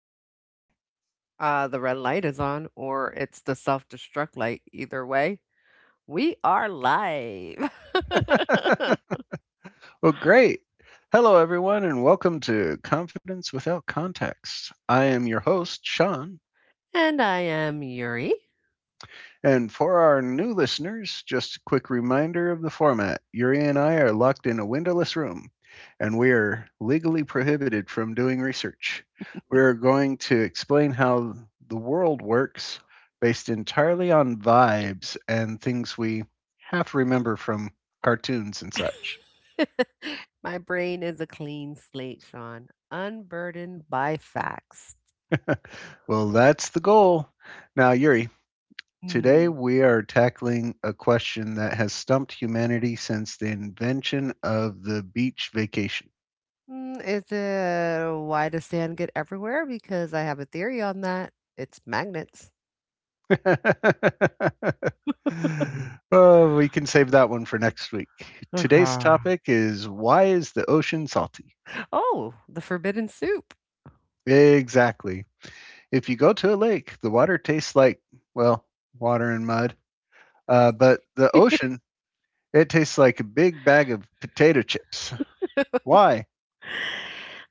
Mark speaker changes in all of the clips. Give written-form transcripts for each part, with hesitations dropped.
Speaker 1: we recording?
Speaker 2: The red light is on or it's the self-destruct light. Either way, we are live.
Speaker 1: Well, great. Hello, everyone, and welcome to Confidence Without Context. I am your host, Sean.
Speaker 2: And I am Yuri.
Speaker 1: And for our new listeners, just a quick reminder of the format, Yuri and I are locked in a windowless room, and we are legally prohibited from doing research. We are going to explain how the world works based entirely on vibes and things we half remember from cartoons and such.
Speaker 2: My brain is a clean slate, Sean, unburdened by facts.
Speaker 1: Well, that's the goal. Now, Yuri, today
Speaker 2: Hmm.
Speaker 1: we are tackling a question that has stumped humanity since the invention of the beach vacation.
Speaker 2: Is it why does sand get everywhere? Because I have a theory on that. It's magnets.
Speaker 1: Oh, we can save that one for next week. Today's
Speaker 2: Okay.
Speaker 1: topic is, why is the ocean salty?
Speaker 2: Oh, the forbidden soup.
Speaker 1: Exactly. If you go to a lake, the water tastes like, well, water and mud. But the ocean, it tastes like a big bag of potato chips. Why?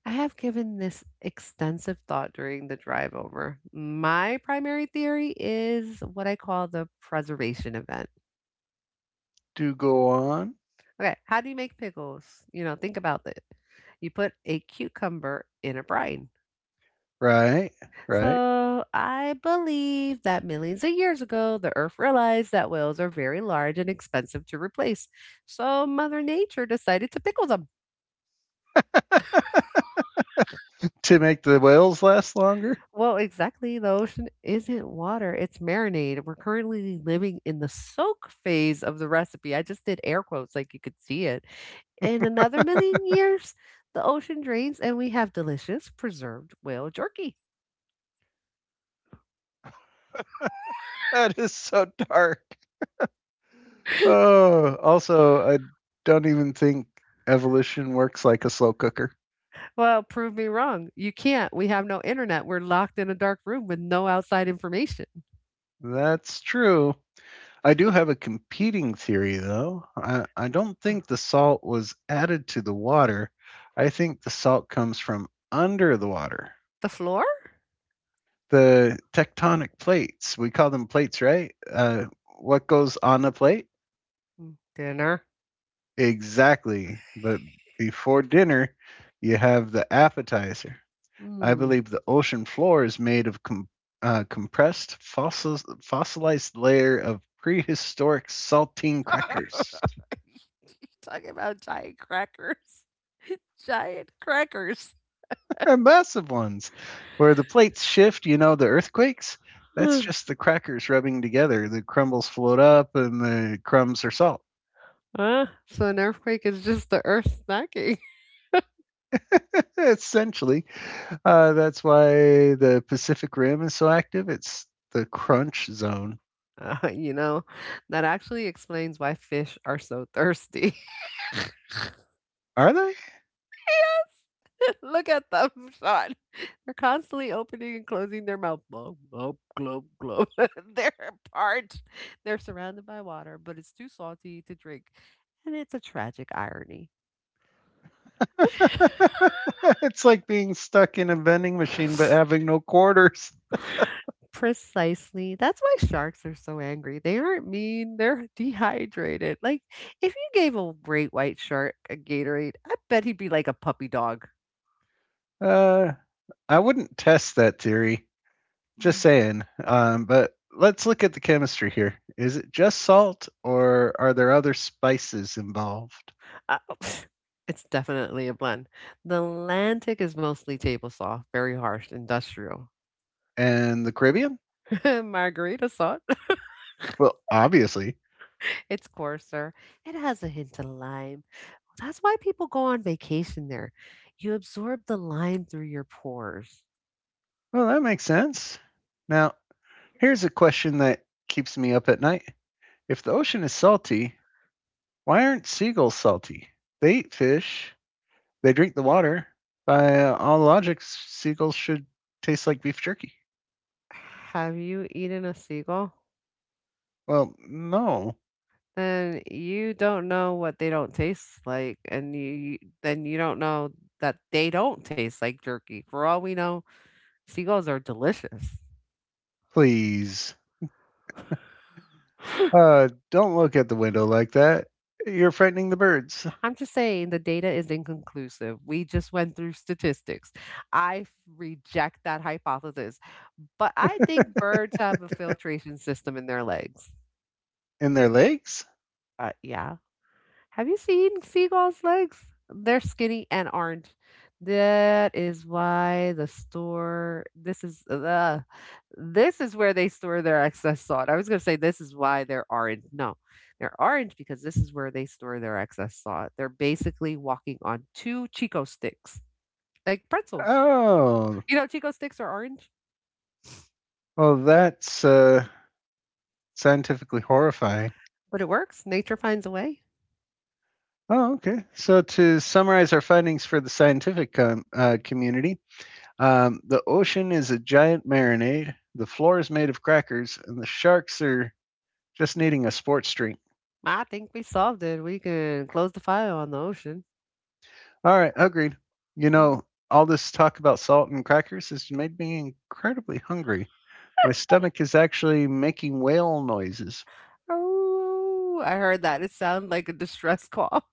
Speaker 2: I have given this extensive thought during the drive over. My primary theory is what I call the preservation event.
Speaker 1: Do go on.
Speaker 2: Okay, how do you make pickles? You know, think about it. You put a cucumber in a brine.
Speaker 1: Right, right.
Speaker 2: So I believe that millions of years ago, the earth realized that whales are very large and expensive to replace. So Mother Nature decided to pickle them.
Speaker 1: To make the whales last longer.
Speaker 2: Well, exactly. The ocean isn't water, it's marinade. We're currently living in the soak phase of the recipe. I just did air quotes like you could see it. In another million years, the ocean drains and we have delicious preserved whale jerky.
Speaker 1: That is so dark. Oh, also, I don't even think evolution works like a slow cooker.
Speaker 2: Well, prove me wrong. You can't. We have no internet. We're locked in a dark room with no outside information.
Speaker 1: That's true. I do have a competing theory, though. I don't think the salt was added to the water. I think the salt comes from under the water.
Speaker 2: The floor?
Speaker 1: The tectonic plates, we call them plates, right? What goes on a plate?
Speaker 2: Dinner.
Speaker 1: Exactly. But before dinner, you have the appetizer. I
Speaker 2: Mm.
Speaker 1: believe the ocean floor is made of compressed fossilized layer of prehistoric saltine crackers.
Speaker 2: You talking about giant crackers, giant crackers.
Speaker 1: They're massive ones where the plates shift, you know, the earthquakes. That's just the crackers rubbing together. The crumbles float up and the crumbs are salt.
Speaker 2: So an earthquake is just the earth snacking.
Speaker 1: Essentially, that's why the Pacific Rim is so active. It's the crunch zone.
Speaker 2: You know, that actually explains why fish are so thirsty.
Speaker 1: Are they?
Speaker 2: Look at them, Sean. They're constantly opening and closing their mouth. Glub, glub, glub, glub. They're parched. They're surrounded by water, but it's too salty to drink. And it's a tragic irony.
Speaker 1: It's like being stuck in a vending machine but having no quarters.
Speaker 2: Precisely. That's why sharks are so angry. They aren't mean, they're dehydrated. Like, if you gave a great white shark a Gatorade, I bet he'd be like a puppy dog.
Speaker 1: Uh, I wouldn't test that theory. Just
Speaker 2: Mm.
Speaker 1: saying. But let's look at the chemistry here. Is it just salt, or are there other spices involved?
Speaker 2: Uh, it's definitely a blend. The Atlantic is mostly table saw, very harsh, industrial.
Speaker 1: And the Caribbean?
Speaker 2: Margarita salt.
Speaker 1: Well, obviously.
Speaker 2: It's coarser. It has a hint of lime. That's why people go on vacation there. You absorb the lime through your pores.
Speaker 1: Well, that makes sense. Now, here's a question that keeps me up at night. If the ocean is salty, why aren't seagulls salty? They eat fish, they drink the water. By all logic, seagulls should taste like beef jerky.
Speaker 2: Have you eaten a seagull?
Speaker 1: Well, no,
Speaker 2: Then you don't know what they don't taste like, and you don't know that they don't taste like jerky. For all we know, seagulls are delicious.
Speaker 1: please. Don't look at the window like that. You're frightening the birds.
Speaker 2: I'm just saying the data is inconclusive. We just went through statistics. I f- Reject that hypothesis, but I think birds have a filtration system in their legs.
Speaker 1: In their legs?
Speaker 2: Yeah, have you seen seagulls' legs? They're skinny and orange. That is why the store. This is where they store their excess salt. I was gonna say this is why they're orange. No, they're orange because this is where they store their excess salt. They're basically walking on two Chico sticks, like pretzels.
Speaker 1: Oh,
Speaker 2: You know, Chico sticks are orange,
Speaker 1: well, that's scientifically horrifying.
Speaker 2: but it works. Nature finds a way.
Speaker 1: Oh, okay. So to summarize our findings for the scientific community, the ocean is a giant marinade. The floor is made of crackers, and the sharks are just needing a sports drink.
Speaker 2: I think we solved it. We can close the file on the ocean.
Speaker 1: All right, agreed. You know, all this talk about salt and crackers has made me incredibly hungry. My stomach is actually making whale noises.
Speaker 2: Oh, I heard that. It sounded like a distress call.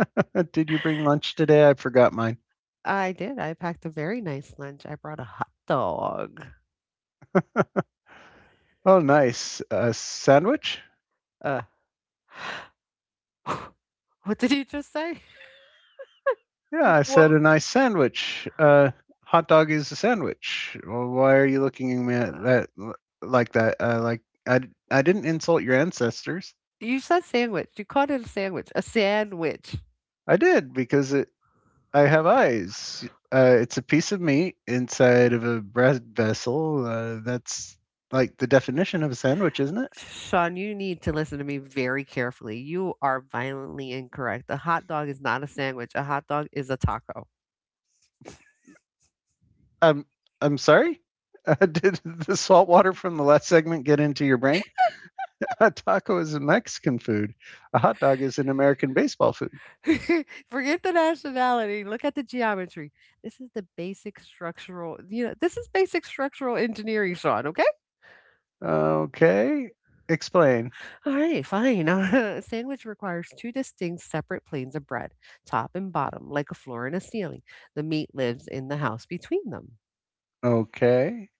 Speaker 1: Did you bring lunch today? I forgot mine.
Speaker 2: I did. I packed a very nice lunch. I brought a hot dog.
Speaker 1: Oh, nice. A sandwich?
Speaker 2: Uh, what did you just say?
Speaker 1: Yeah, I
Speaker 2: What?
Speaker 1: said a nice sandwich. Hot dog is a sandwich. Well, why are you looking at me at that like that? Like I didn't insult your ancestors.
Speaker 2: You said sandwich. You called it a sandwich. A sandwich.
Speaker 1: I did because it I have eyes. It's a piece of meat inside of a bread vessel. That's like the definition of a sandwich, isn't it?
Speaker 2: Sean, you need to listen to me very carefully. You are violently incorrect. A hot dog is not a sandwich. A hot dog is a taco.
Speaker 1: Um, I'm sorry. Did the salt water from the last segment get into your brain? A taco is a Mexican food. A hot dog is an American baseball food.
Speaker 2: Forget the nationality. Look at the geometry. This is basic structural engineering, Sean, okay?
Speaker 1: Okay, explain.
Speaker 2: Alright, fine. A sandwich requires two distinct separate planes of bread, top and bottom, like a floor and a ceiling. The meat lives in the house between them.
Speaker 1: Okay.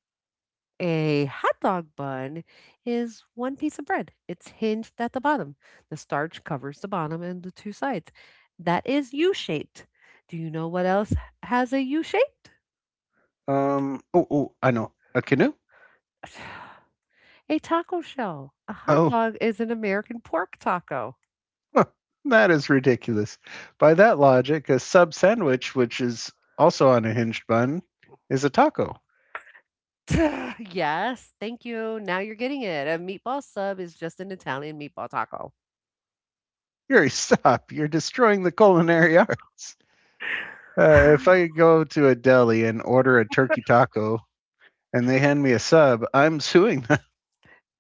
Speaker 2: A hot dog bun is one piece of bread. It's hinged at the bottom. The starch covers the bottom and the two sides. That is U-shaped. Do you know what else has a U-shaped?
Speaker 1: Oh, oh, I know. A canoe.
Speaker 2: A taco shell. A hot
Speaker 1: Oh,
Speaker 2: dog is an American pork taco.
Speaker 1: that is ridiculous. By that logic, a sub sandwich, which is also on a hinged bun, is a taco.
Speaker 2: Yes, thank you. Now you're getting it. A meatball sub is just an Italian meatball taco.
Speaker 1: Yuri, stop. You're destroying the culinary arts. If I go to a deli and order a turkey taco and they hand me a sub, I'm suing them.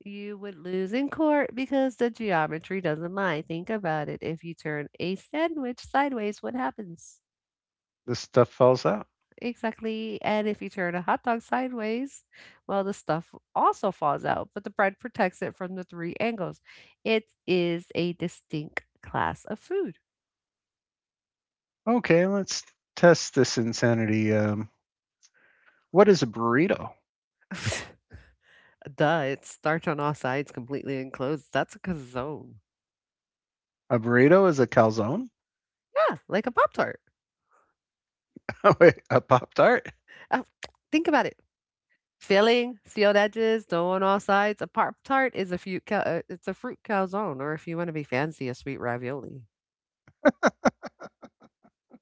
Speaker 2: You would lose in court because the geometry doesn't lie. Think about it. If you turn a sandwich sideways, what happens?
Speaker 1: This stuff falls out.
Speaker 2: Exactly. And if you turn a hot dog sideways, well, the stuff also falls out, but the bread protects it from the three angles. It is a distinct class of food.
Speaker 1: Okay, let's test this insanity. What is a burrito?
Speaker 2: Duh, it's starch on all sides, completely enclosed. That's a calzone.
Speaker 1: A burrito is a calzone?
Speaker 2: Yeah, like a Pop Tart.
Speaker 1: Wait, a Pop Tart?
Speaker 2: Uh, think about it. Filling, sealed edges, dough on all sides. A Pop Tart is a it's a fruit calzone, or if you want to be fancy, a sweet ravioli.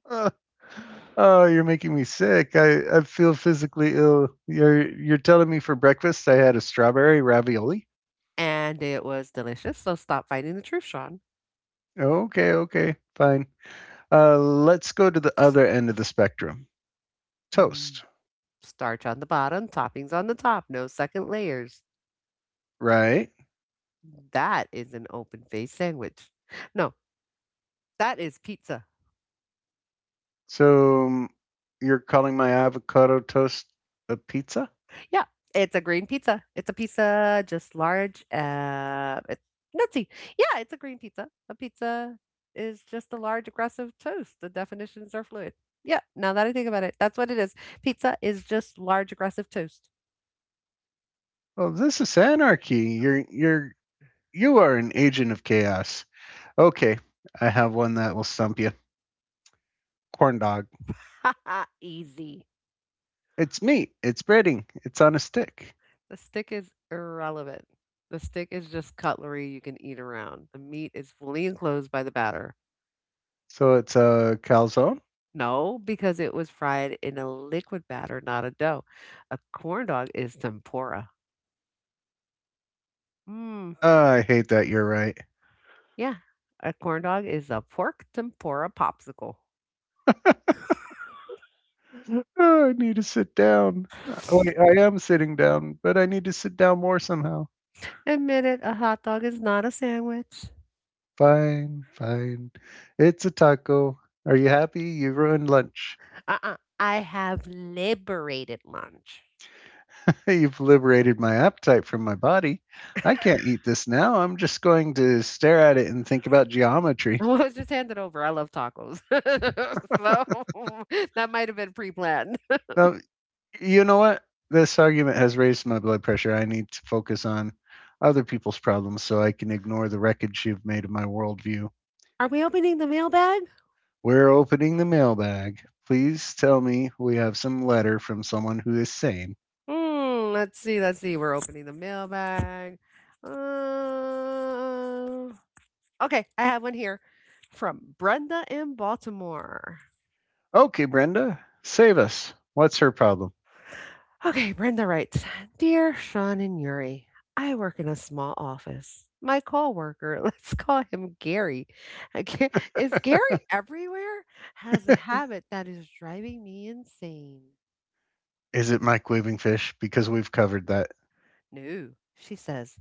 Speaker 1: Uh, oh, you're making me sick. I feel physically ill. You're telling me for breakfast I had a strawberry ravioli?
Speaker 2: And it was delicious. So stop fighting the truth, Sean.
Speaker 1: Okay, okay, fine. Let's go to the other end of the spectrum.
Speaker 2: Mm,
Speaker 1: Toast,
Speaker 2: Starch on the bottom, toppings on the top, no second layers.
Speaker 1: right?
Speaker 2: That is an open faced sandwich. No, that is pizza.
Speaker 1: So you're calling my avocado toast a pizza?
Speaker 2: Yeah, it's a green pizza. It's a pizza just large. It's nutsy. Yeah, it's a green pizza. A pizza is just a large aggressive toast. The definitions are fluid. Yeah, now that I think about it, that's what it is. Pizza is just large aggressive toast.
Speaker 1: Well, this is anarchy. You're you are an agent of chaos. Okay, I have one that will stump you. Corn dog.
Speaker 2: Easy.
Speaker 1: It's meat. It's breading. It's on a stick.
Speaker 2: The stick is irrelevant. The stick is just cutlery you can eat around. The meat is fully enclosed by the batter.
Speaker 1: So it's a calzone.
Speaker 2: No, because it was fried in a liquid batter, not a dough. A corn dog is tempura. Mmm.
Speaker 1: Ah, I hate that. You're right.
Speaker 2: Yeah, a corn dog is a pork tempura popsicle.
Speaker 1: Oh, I need to sit down. Wait, I am sitting down, but I need to sit down more somehow.
Speaker 2: Admit it, a hot dog is not a sandwich.
Speaker 1: Fine, fine. It's a taco. Are you happy? You ruined lunch.
Speaker 2: Uh-uh. I have liberated lunch.
Speaker 1: You've liberated my appetite from my body. I can't eat this now. I'm just going to stare at it and think about geometry.
Speaker 2: Well, just hand it over. I love tacos. So that might have been pre-planned.
Speaker 1: No, you know what? This argument has raised my blood pressure. I need to focus on other people's problems so I can ignore the wreckage you've made of my worldview.
Speaker 2: Are we opening the mailbag?
Speaker 1: We're opening the mailbag. Please tell me we have some letter from someone who is sane.
Speaker 2: Hmm, let's see, let's see. We're opening the mailbag. Uh, okay, I have one here from Brenda in Baltimore.
Speaker 1: Okay, Brenda, save us. What's her problem?
Speaker 2: Okay, Brenda writes, "Dear Sean and Yuri, I work in a small office. My coworker, let's call him Gary." I can't— is Gary everywhere? "Has a habit that is driving me insane."
Speaker 1: Is it microwaving fish? Because we've covered that.
Speaker 2: No, she says.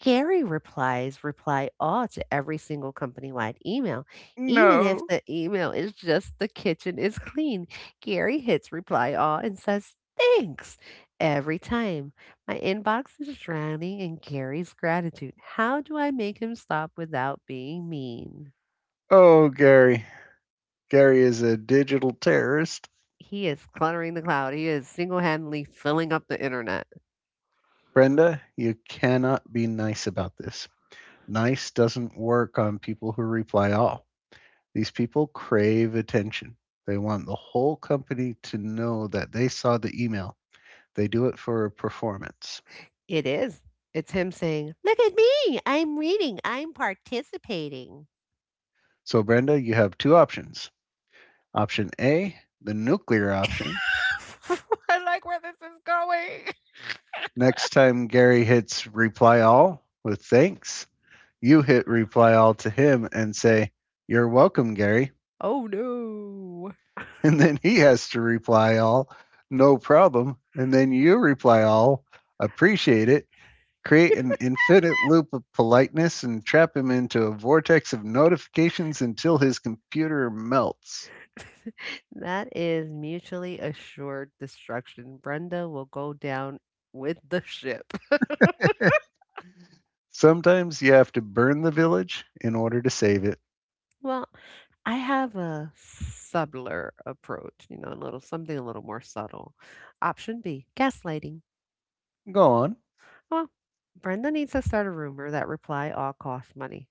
Speaker 2: "Gary replies reply all to every single company-wide email, even if
Speaker 1: No.
Speaker 2: the email is just the kitchen is clean. Gary hits reply all and says thanks every time. My inbox is drowning in Gary's gratitude. How do I make him stop without being mean?"
Speaker 1: Oh, Gary. Gary is a digital terrorist.
Speaker 2: He is cluttering the cloud. He is single-handedly filling up the internet.
Speaker 1: Brenda, you cannot be nice about this. Nice doesn't work on people who reply all. These people crave attention. They want the whole company to know that they saw the email. They do it for performance.
Speaker 2: It is. It's him saying, "Look at me. I'm reading. I'm participating."
Speaker 1: So, Brenda, you have two options. Option A, the nuclear option. Next time Gary hits reply all with thanks, you hit reply all to him and say, you're welcome, Gary.
Speaker 2: Oh no.
Speaker 1: And then he has to reply all, no problem. And then you reply all, appreciate it. Create an infinite loop of politeness and trap him into a vortex of notifications until his computer melts.
Speaker 2: That is mutually assured destruction. Brenda will go down with the ship.
Speaker 1: Sometimes you have to burn the village in order to save it.
Speaker 2: Well, I have a subtler approach, you know, a little something a little more subtle. Option B, gaslighting.
Speaker 1: Go on.
Speaker 2: Well, Brenda needs to start a rumor that reply all costs money,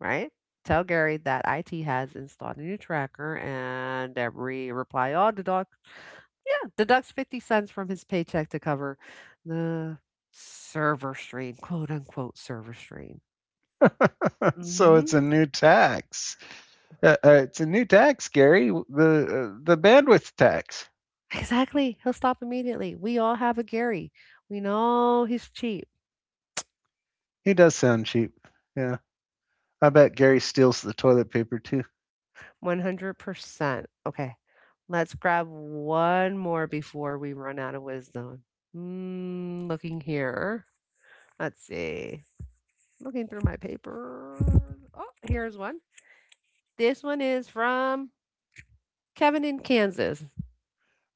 Speaker 2: right? Tell Gary that IT has installed a new tracker and every reply all deduct yeah, deducts 50 cents from his paycheck to cover the server stream, quote unquote server stream.
Speaker 1: So it's
Speaker 2: Hmm.
Speaker 1: a new tax. Uh, it's a new tax, Gary. The the bandwidth tax.
Speaker 2: Exactly. He'll stop immediately. We all have a Gary. We know he's cheap.
Speaker 1: He does sound cheap. Yeah, I bet Gary steals the toilet paper too.
Speaker 2: 100%. Okay. Let's grab one more before we run out of wisdom. Mm, looking here. Let's see. Looking through my paper. Oh, here's one. This one is from Kevin in Kansas.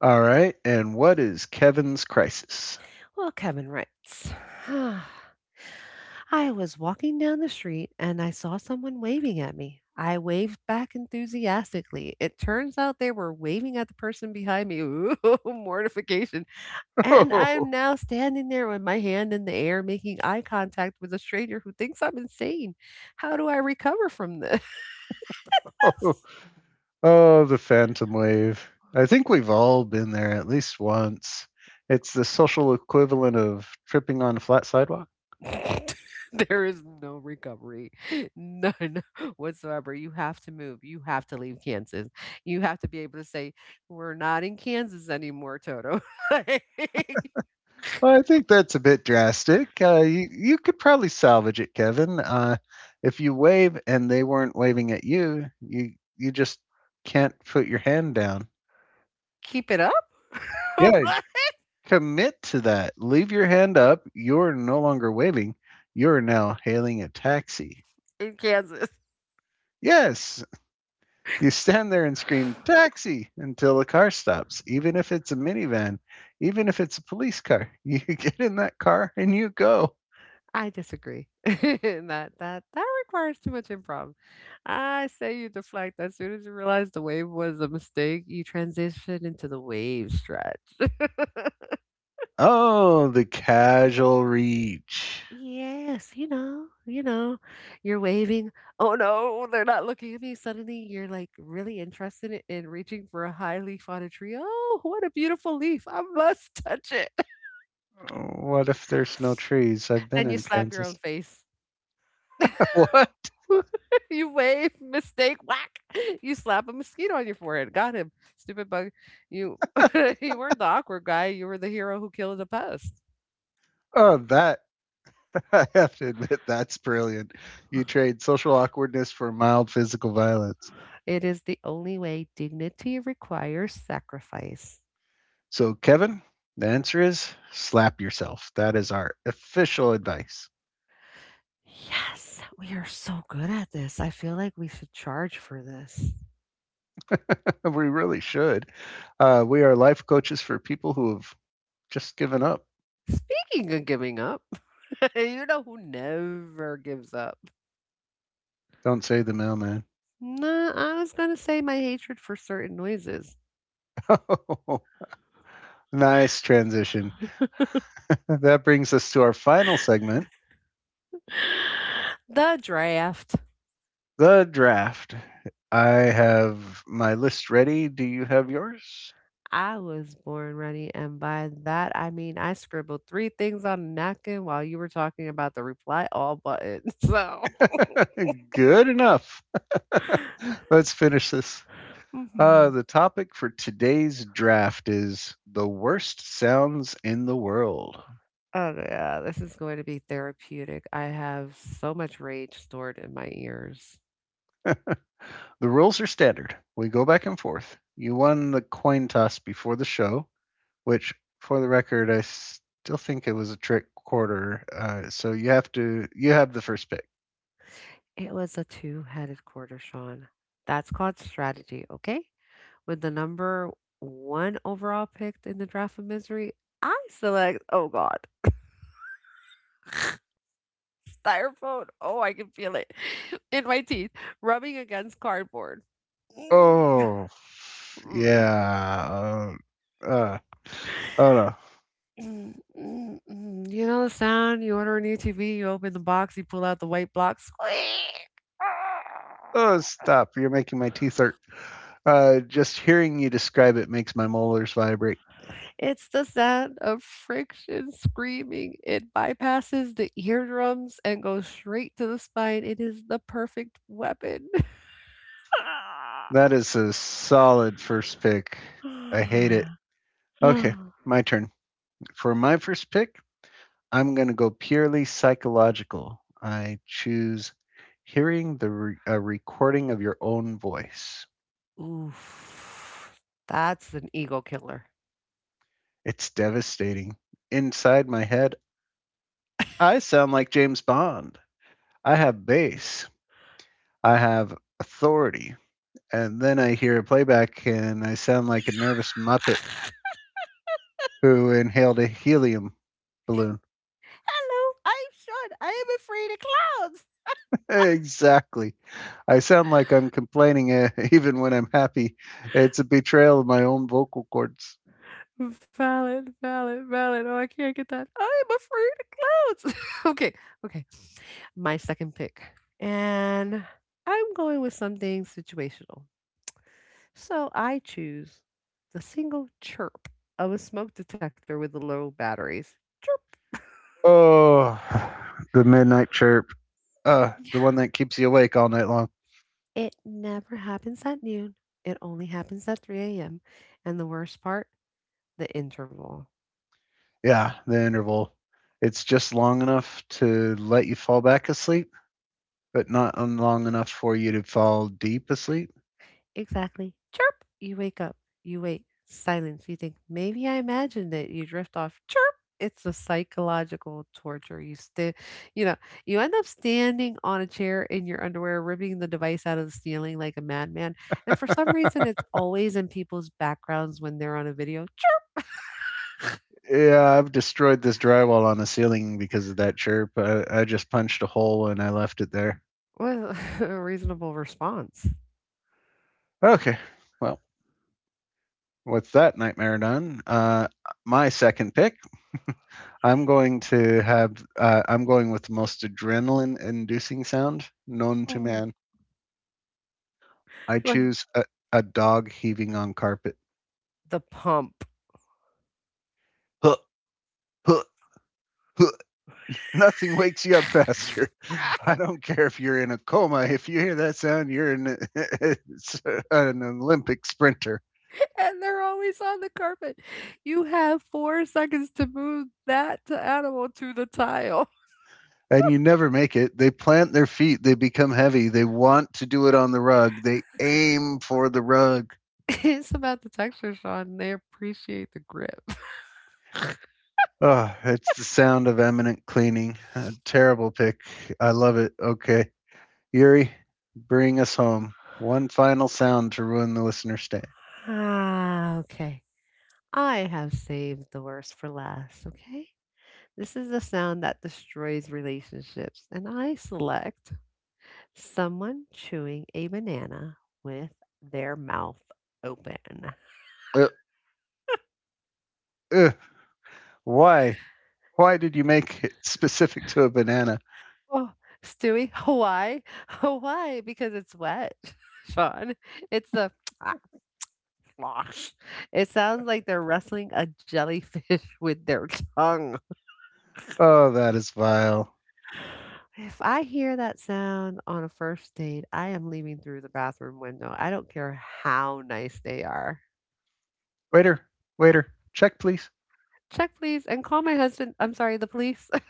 Speaker 1: All right, and what is Kevin's crisis?
Speaker 2: Well, Kevin writes, "I was walking down the street and I saw someone waving at me. I waved back enthusiastically. It turns out they were waving at the person behind me." Ooh, mortification. "And I'm now standing there with my hand in the air making eye contact with a stranger who thinks I'm insane. How do I recover from this?"
Speaker 1: Oh, oh, oh, the phantom wave. I think we've all been there at least once. It's the social equivalent of tripping on a flat sidewalk.
Speaker 2: There is no recovery. None whatsoever. You have to move. You have to leave Kansas. You have to be able to say, "We're not in Kansas anymore, Toto." Like,
Speaker 1: Well, I think that's a bit drastic. You could probably salvage it, Kevin. If you wave and they weren't waving at you, you just can't put your hand down.
Speaker 2: keep it up
Speaker 1: Yeah, commit to that. Leave your hand up. You're no longer waving. You're now hailing a taxi.
Speaker 2: in Kansas.
Speaker 1: Yes, you stand there and scream, taxi, until the car stops, even if it's a minivan, even if it's a police car. You get in that car and you go.
Speaker 2: I disagree. That requires too much improv. I say you deflect as soon as you realize the wave was a mistake. You transition into the wave stretch.
Speaker 1: Oh, the casual reach.
Speaker 2: Yes, you're waving. Oh no, they're not looking at me. Suddenly, you're like really interested in reaching for a high leaf on a tree. Oh, what a beautiful leaf! I must touch it.
Speaker 1: What if there's no trees? I've been
Speaker 2: Then you
Speaker 1: in
Speaker 2: slap your own
Speaker 1: Kansas.
Speaker 2: face.
Speaker 1: What?
Speaker 2: You wave, mistake, whack. You slap a mosquito on your forehead. Got him. Stupid bug. You you weren't the awkward guy. You were the hero who killed a pest.
Speaker 1: Oh, that, I have to admit, that's brilliant. You trade social awkwardness for mild physical violence.
Speaker 2: It is the only way dignity requires sacrifice.
Speaker 1: So, Kevin, the answer is slap yourself. That is our official advice.
Speaker 2: Yes, we are so good at this. I feel like we should charge for this.
Speaker 1: We really should. We are life coaches for people who have just given up.
Speaker 2: Speaking of giving up, you know who never gives up?
Speaker 1: Don't say the mailman.
Speaker 2: No, I was going to say my hatred for certain noises.
Speaker 1: Nice transition. That brings us to our final segment,
Speaker 2: The draft.
Speaker 1: the draft. I have my list ready. Do you have yours?
Speaker 2: I was born ready, and by that I mean I scribbled three things on a napkin while you were talking about the reply all button. So,
Speaker 1: Good enough. Let's finish this.
Speaker 2: mhm.
Speaker 1: The topic for today's draft is the worst sounds in the world.
Speaker 2: Oh yeah, this is going to be therapeutic. I have so much rage stored in my ears.
Speaker 1: The rules are standard. We go back and forth. You won the coin toss before the show, which, for the record, I still think it was a trick quarter. So you have the first pick.
Speaker 2: It was a two-headed quarter, Sean. That's called strategy, okay? With the number one overall picked in the draft of misery, I select. Oh God. Styrofoam. Oh, I can feel it in my teeth, rubbing against cardboard. Mm,
Speaker 1: Oh,
Speaker 2: Mm,
Speaker 1: yeah. Uh, oh no.
Speaker 2: mm. You know the sound? You order a new TV, you open the box, you pull out the white block. Squeak!
Speaker 1: Oh, stop! You're making my teeth hurt. Just hearing you describe it makes my molars vibrate.
Speaker 2: It's the sound of friction screaming. It bypasses the eardrums and goes straight to the spine. It is the perfect weapon.
Speaker 1: That is a solid first pick. I hate it. Okay, my turn. For my first pick, I'm going to go purely psychological. I choose hearing a recording of your own voice.
Speaker 2: Oof. That's an ego killer.
Speaker 1: It's devastating. Inside my head, I sound like James Bond. I have bass. I have authority. And then I hear a playback and I sound like a nervous muppet who inhaled a helium balloon.
Speaker 2: Hello, I'm Sean. I am afraid of
Speaker 1: Exactly. I sound like I'm complaining, even when I'm happy. It's a betrayal of my own vocal cords.
Speaker 2: clowns. Valid, valid, valid. Oh, I can't get that. I am afraid of clowns. Okay, okay. My second pick. And I'm going with something situational. So I choose the single chirp of a smoke detector with the low batteries. Chirp.
Speaker 1: Oh, the midnight chirp. The one that keeps you awake all night long.
Speaker 2: It never happens at noon. It only happens at 3 a.m. And the worst part, the interval.
Speaker 1: Yeah, the interval. It's just long enough to let you fall back asleep, but not long enough for you to fall deep asleep.
Speaker 2: Exactly. Chirp. You wake up. You wait. Silence. You think, maybe I imagined it. You drift off. Chirp. It's a psychological torture. You stay, you know, you end up standing on a chair in your underwear, ripping the device out of the ceiling like a madman. And for some reason, it's always in people's backgrounds when they're on a video. Chirp.
Speaker 1: Yeah, I've destroyed this drywall on the ceiling because of that chirp. I just punched a hole and I left it there.
Speaker 2: What a a reasonable response.
Speaker 1: Okay, well, with that nightmare done, my second pick I'm going to have. I'm going with the most adrenaline-inducing sound known to
Speaker 2: Mm.
Speaker 1: man. I
Speaker 2: Well,
Speaker 1: choose a dog heaving on carpet.
Speaker 2: the pump.
Speaker 1: Huh, huh, huh. Nothing wakes you up faster. I don't care if you're in a coma. If you hear that sound, you're in it's an Olympic sprinter,
Speaker 2: And they're always on the carpet. You have 4 seconds to move that t animal to the tile.
Speaker 1: and you never make it. They plant their feet. They become heavy. They want to do it on the rug. They aim for the rug.
Speaker 2: It's about the texture, Sean. They appreciate the grip.
Speaker 1: Oh, it's the sound of eminent cleaning. A terrible pick. I love it. Okay. Yuri, bring us home. One final sound to ruin the listener's day.
Speaker 2: Ah, okay. I have saved the worst for last, okay? This is the sound that destroys relationships, and I select someone chewing a banana with their mouth open.
Speaker 1: Uh, uh, why? Why did you make it specific to a banana?
Speaker 2: Oh, Stewie, Hawaii, Hawaii, because it's wet, Sean. It's the a It sounds like they're wrestling a jellyfish with their tongue.
Speaker 1: Oh, that is vile.
Speaker 2: If I hear that sound on a first date, I am leaving through the bathroom window. I don't care how nice they are.
Speaker 1: Waiter, waiter, check please.
Speaker 2: Check, please, and call my husband. I'm sorry, the police.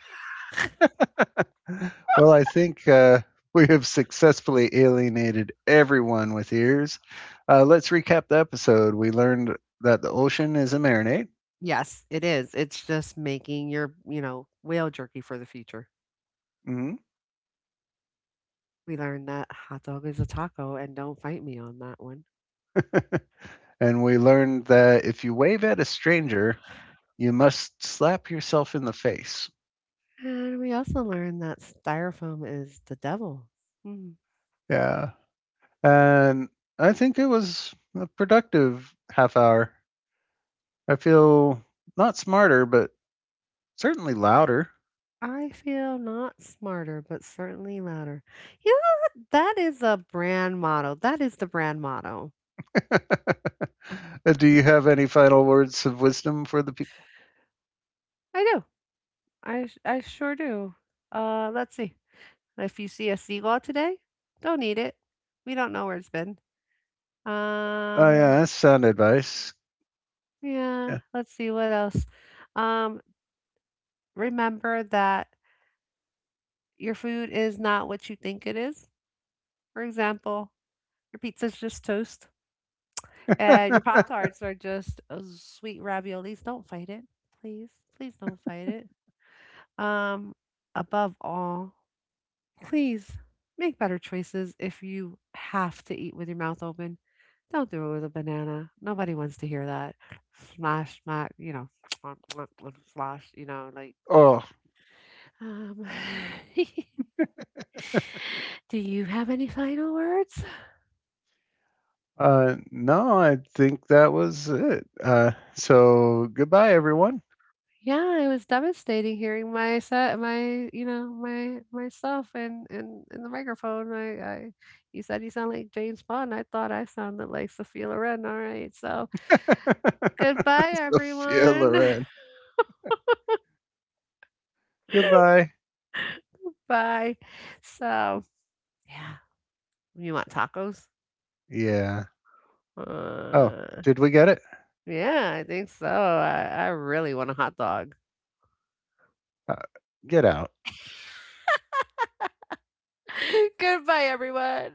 Speaker 1: Well, I think we have successfully alienated everyone with ears. Let's recap the episode. We learned that the ocean is a marinade.
Speaker 2: Yes, it is. It's just making your whale jerky for the future.
Speaker 1: Mm
Speaker 2: We learned that hot dog is a taco, and don't fight me on that one.
Speaker 1: hmm. And we learned that if you wave at a stranger, you must slap yourself in the face.
Speaker 2: And we also learned that styrofoam is the devil. Hmm.
Speaker 1: Yeah. And I think it was a productive half hour. I feel not smarter, but certainly louder.
Speaker 2: I feel not smarter, but certainly louder. Yeah, that is a brand motto. That is the brand motto.
Speaker 1: Do you have any final words of wisdom for the people?
Speaker 2: I do. I sure do. Let's see. If you see a seagull today, don't eat it. We don't know where it's been.
Speaker 1: Oh,
Speaker 2: Um,
Speaker 1: yeah, that's sound advice.
Speaker 2: yeah,
Speaker 1: Yeah.
Speaker 2: let's see what else. Um, remember that your food is not what you think it is. For example, your pizza's just toast. And your Pop Tarts are just sweet raviolis. Don't fight it. Please, please don't fight it. Um, Above all, please make better choices if you have to eat with your mouth open. Don't do it with a banana. Nobody wants to hear that. Smash, smack, you know, slosh.
Speaker 1: Oh,
Speaker 2: Um, do you have any final words?
Speaker 1: no, I think that was it. So goodbye, everyone.
Speaker 2: Yeah, it was devastating hearing my set, my you know, my myself and in the microphone. I you said you sound like James Bond. I thought I sounded like Sophia Loren. All right. So, goodbye,
Speaker 1: Sophia
Speaker 2: everyone.
Speaker 1: Loren. Goodbye.
Speaker 2: Bye. So, yeah. You want tacos?
Speaker 1: Yeah. Oh,
Speaker 2: Uh,
Speaker 1: did we get it?
Speaker 2: yeah, I think so. I really want a hot dog.
Speaker 1: Uh, get out.
Speaker 2: Goodbye, everyone.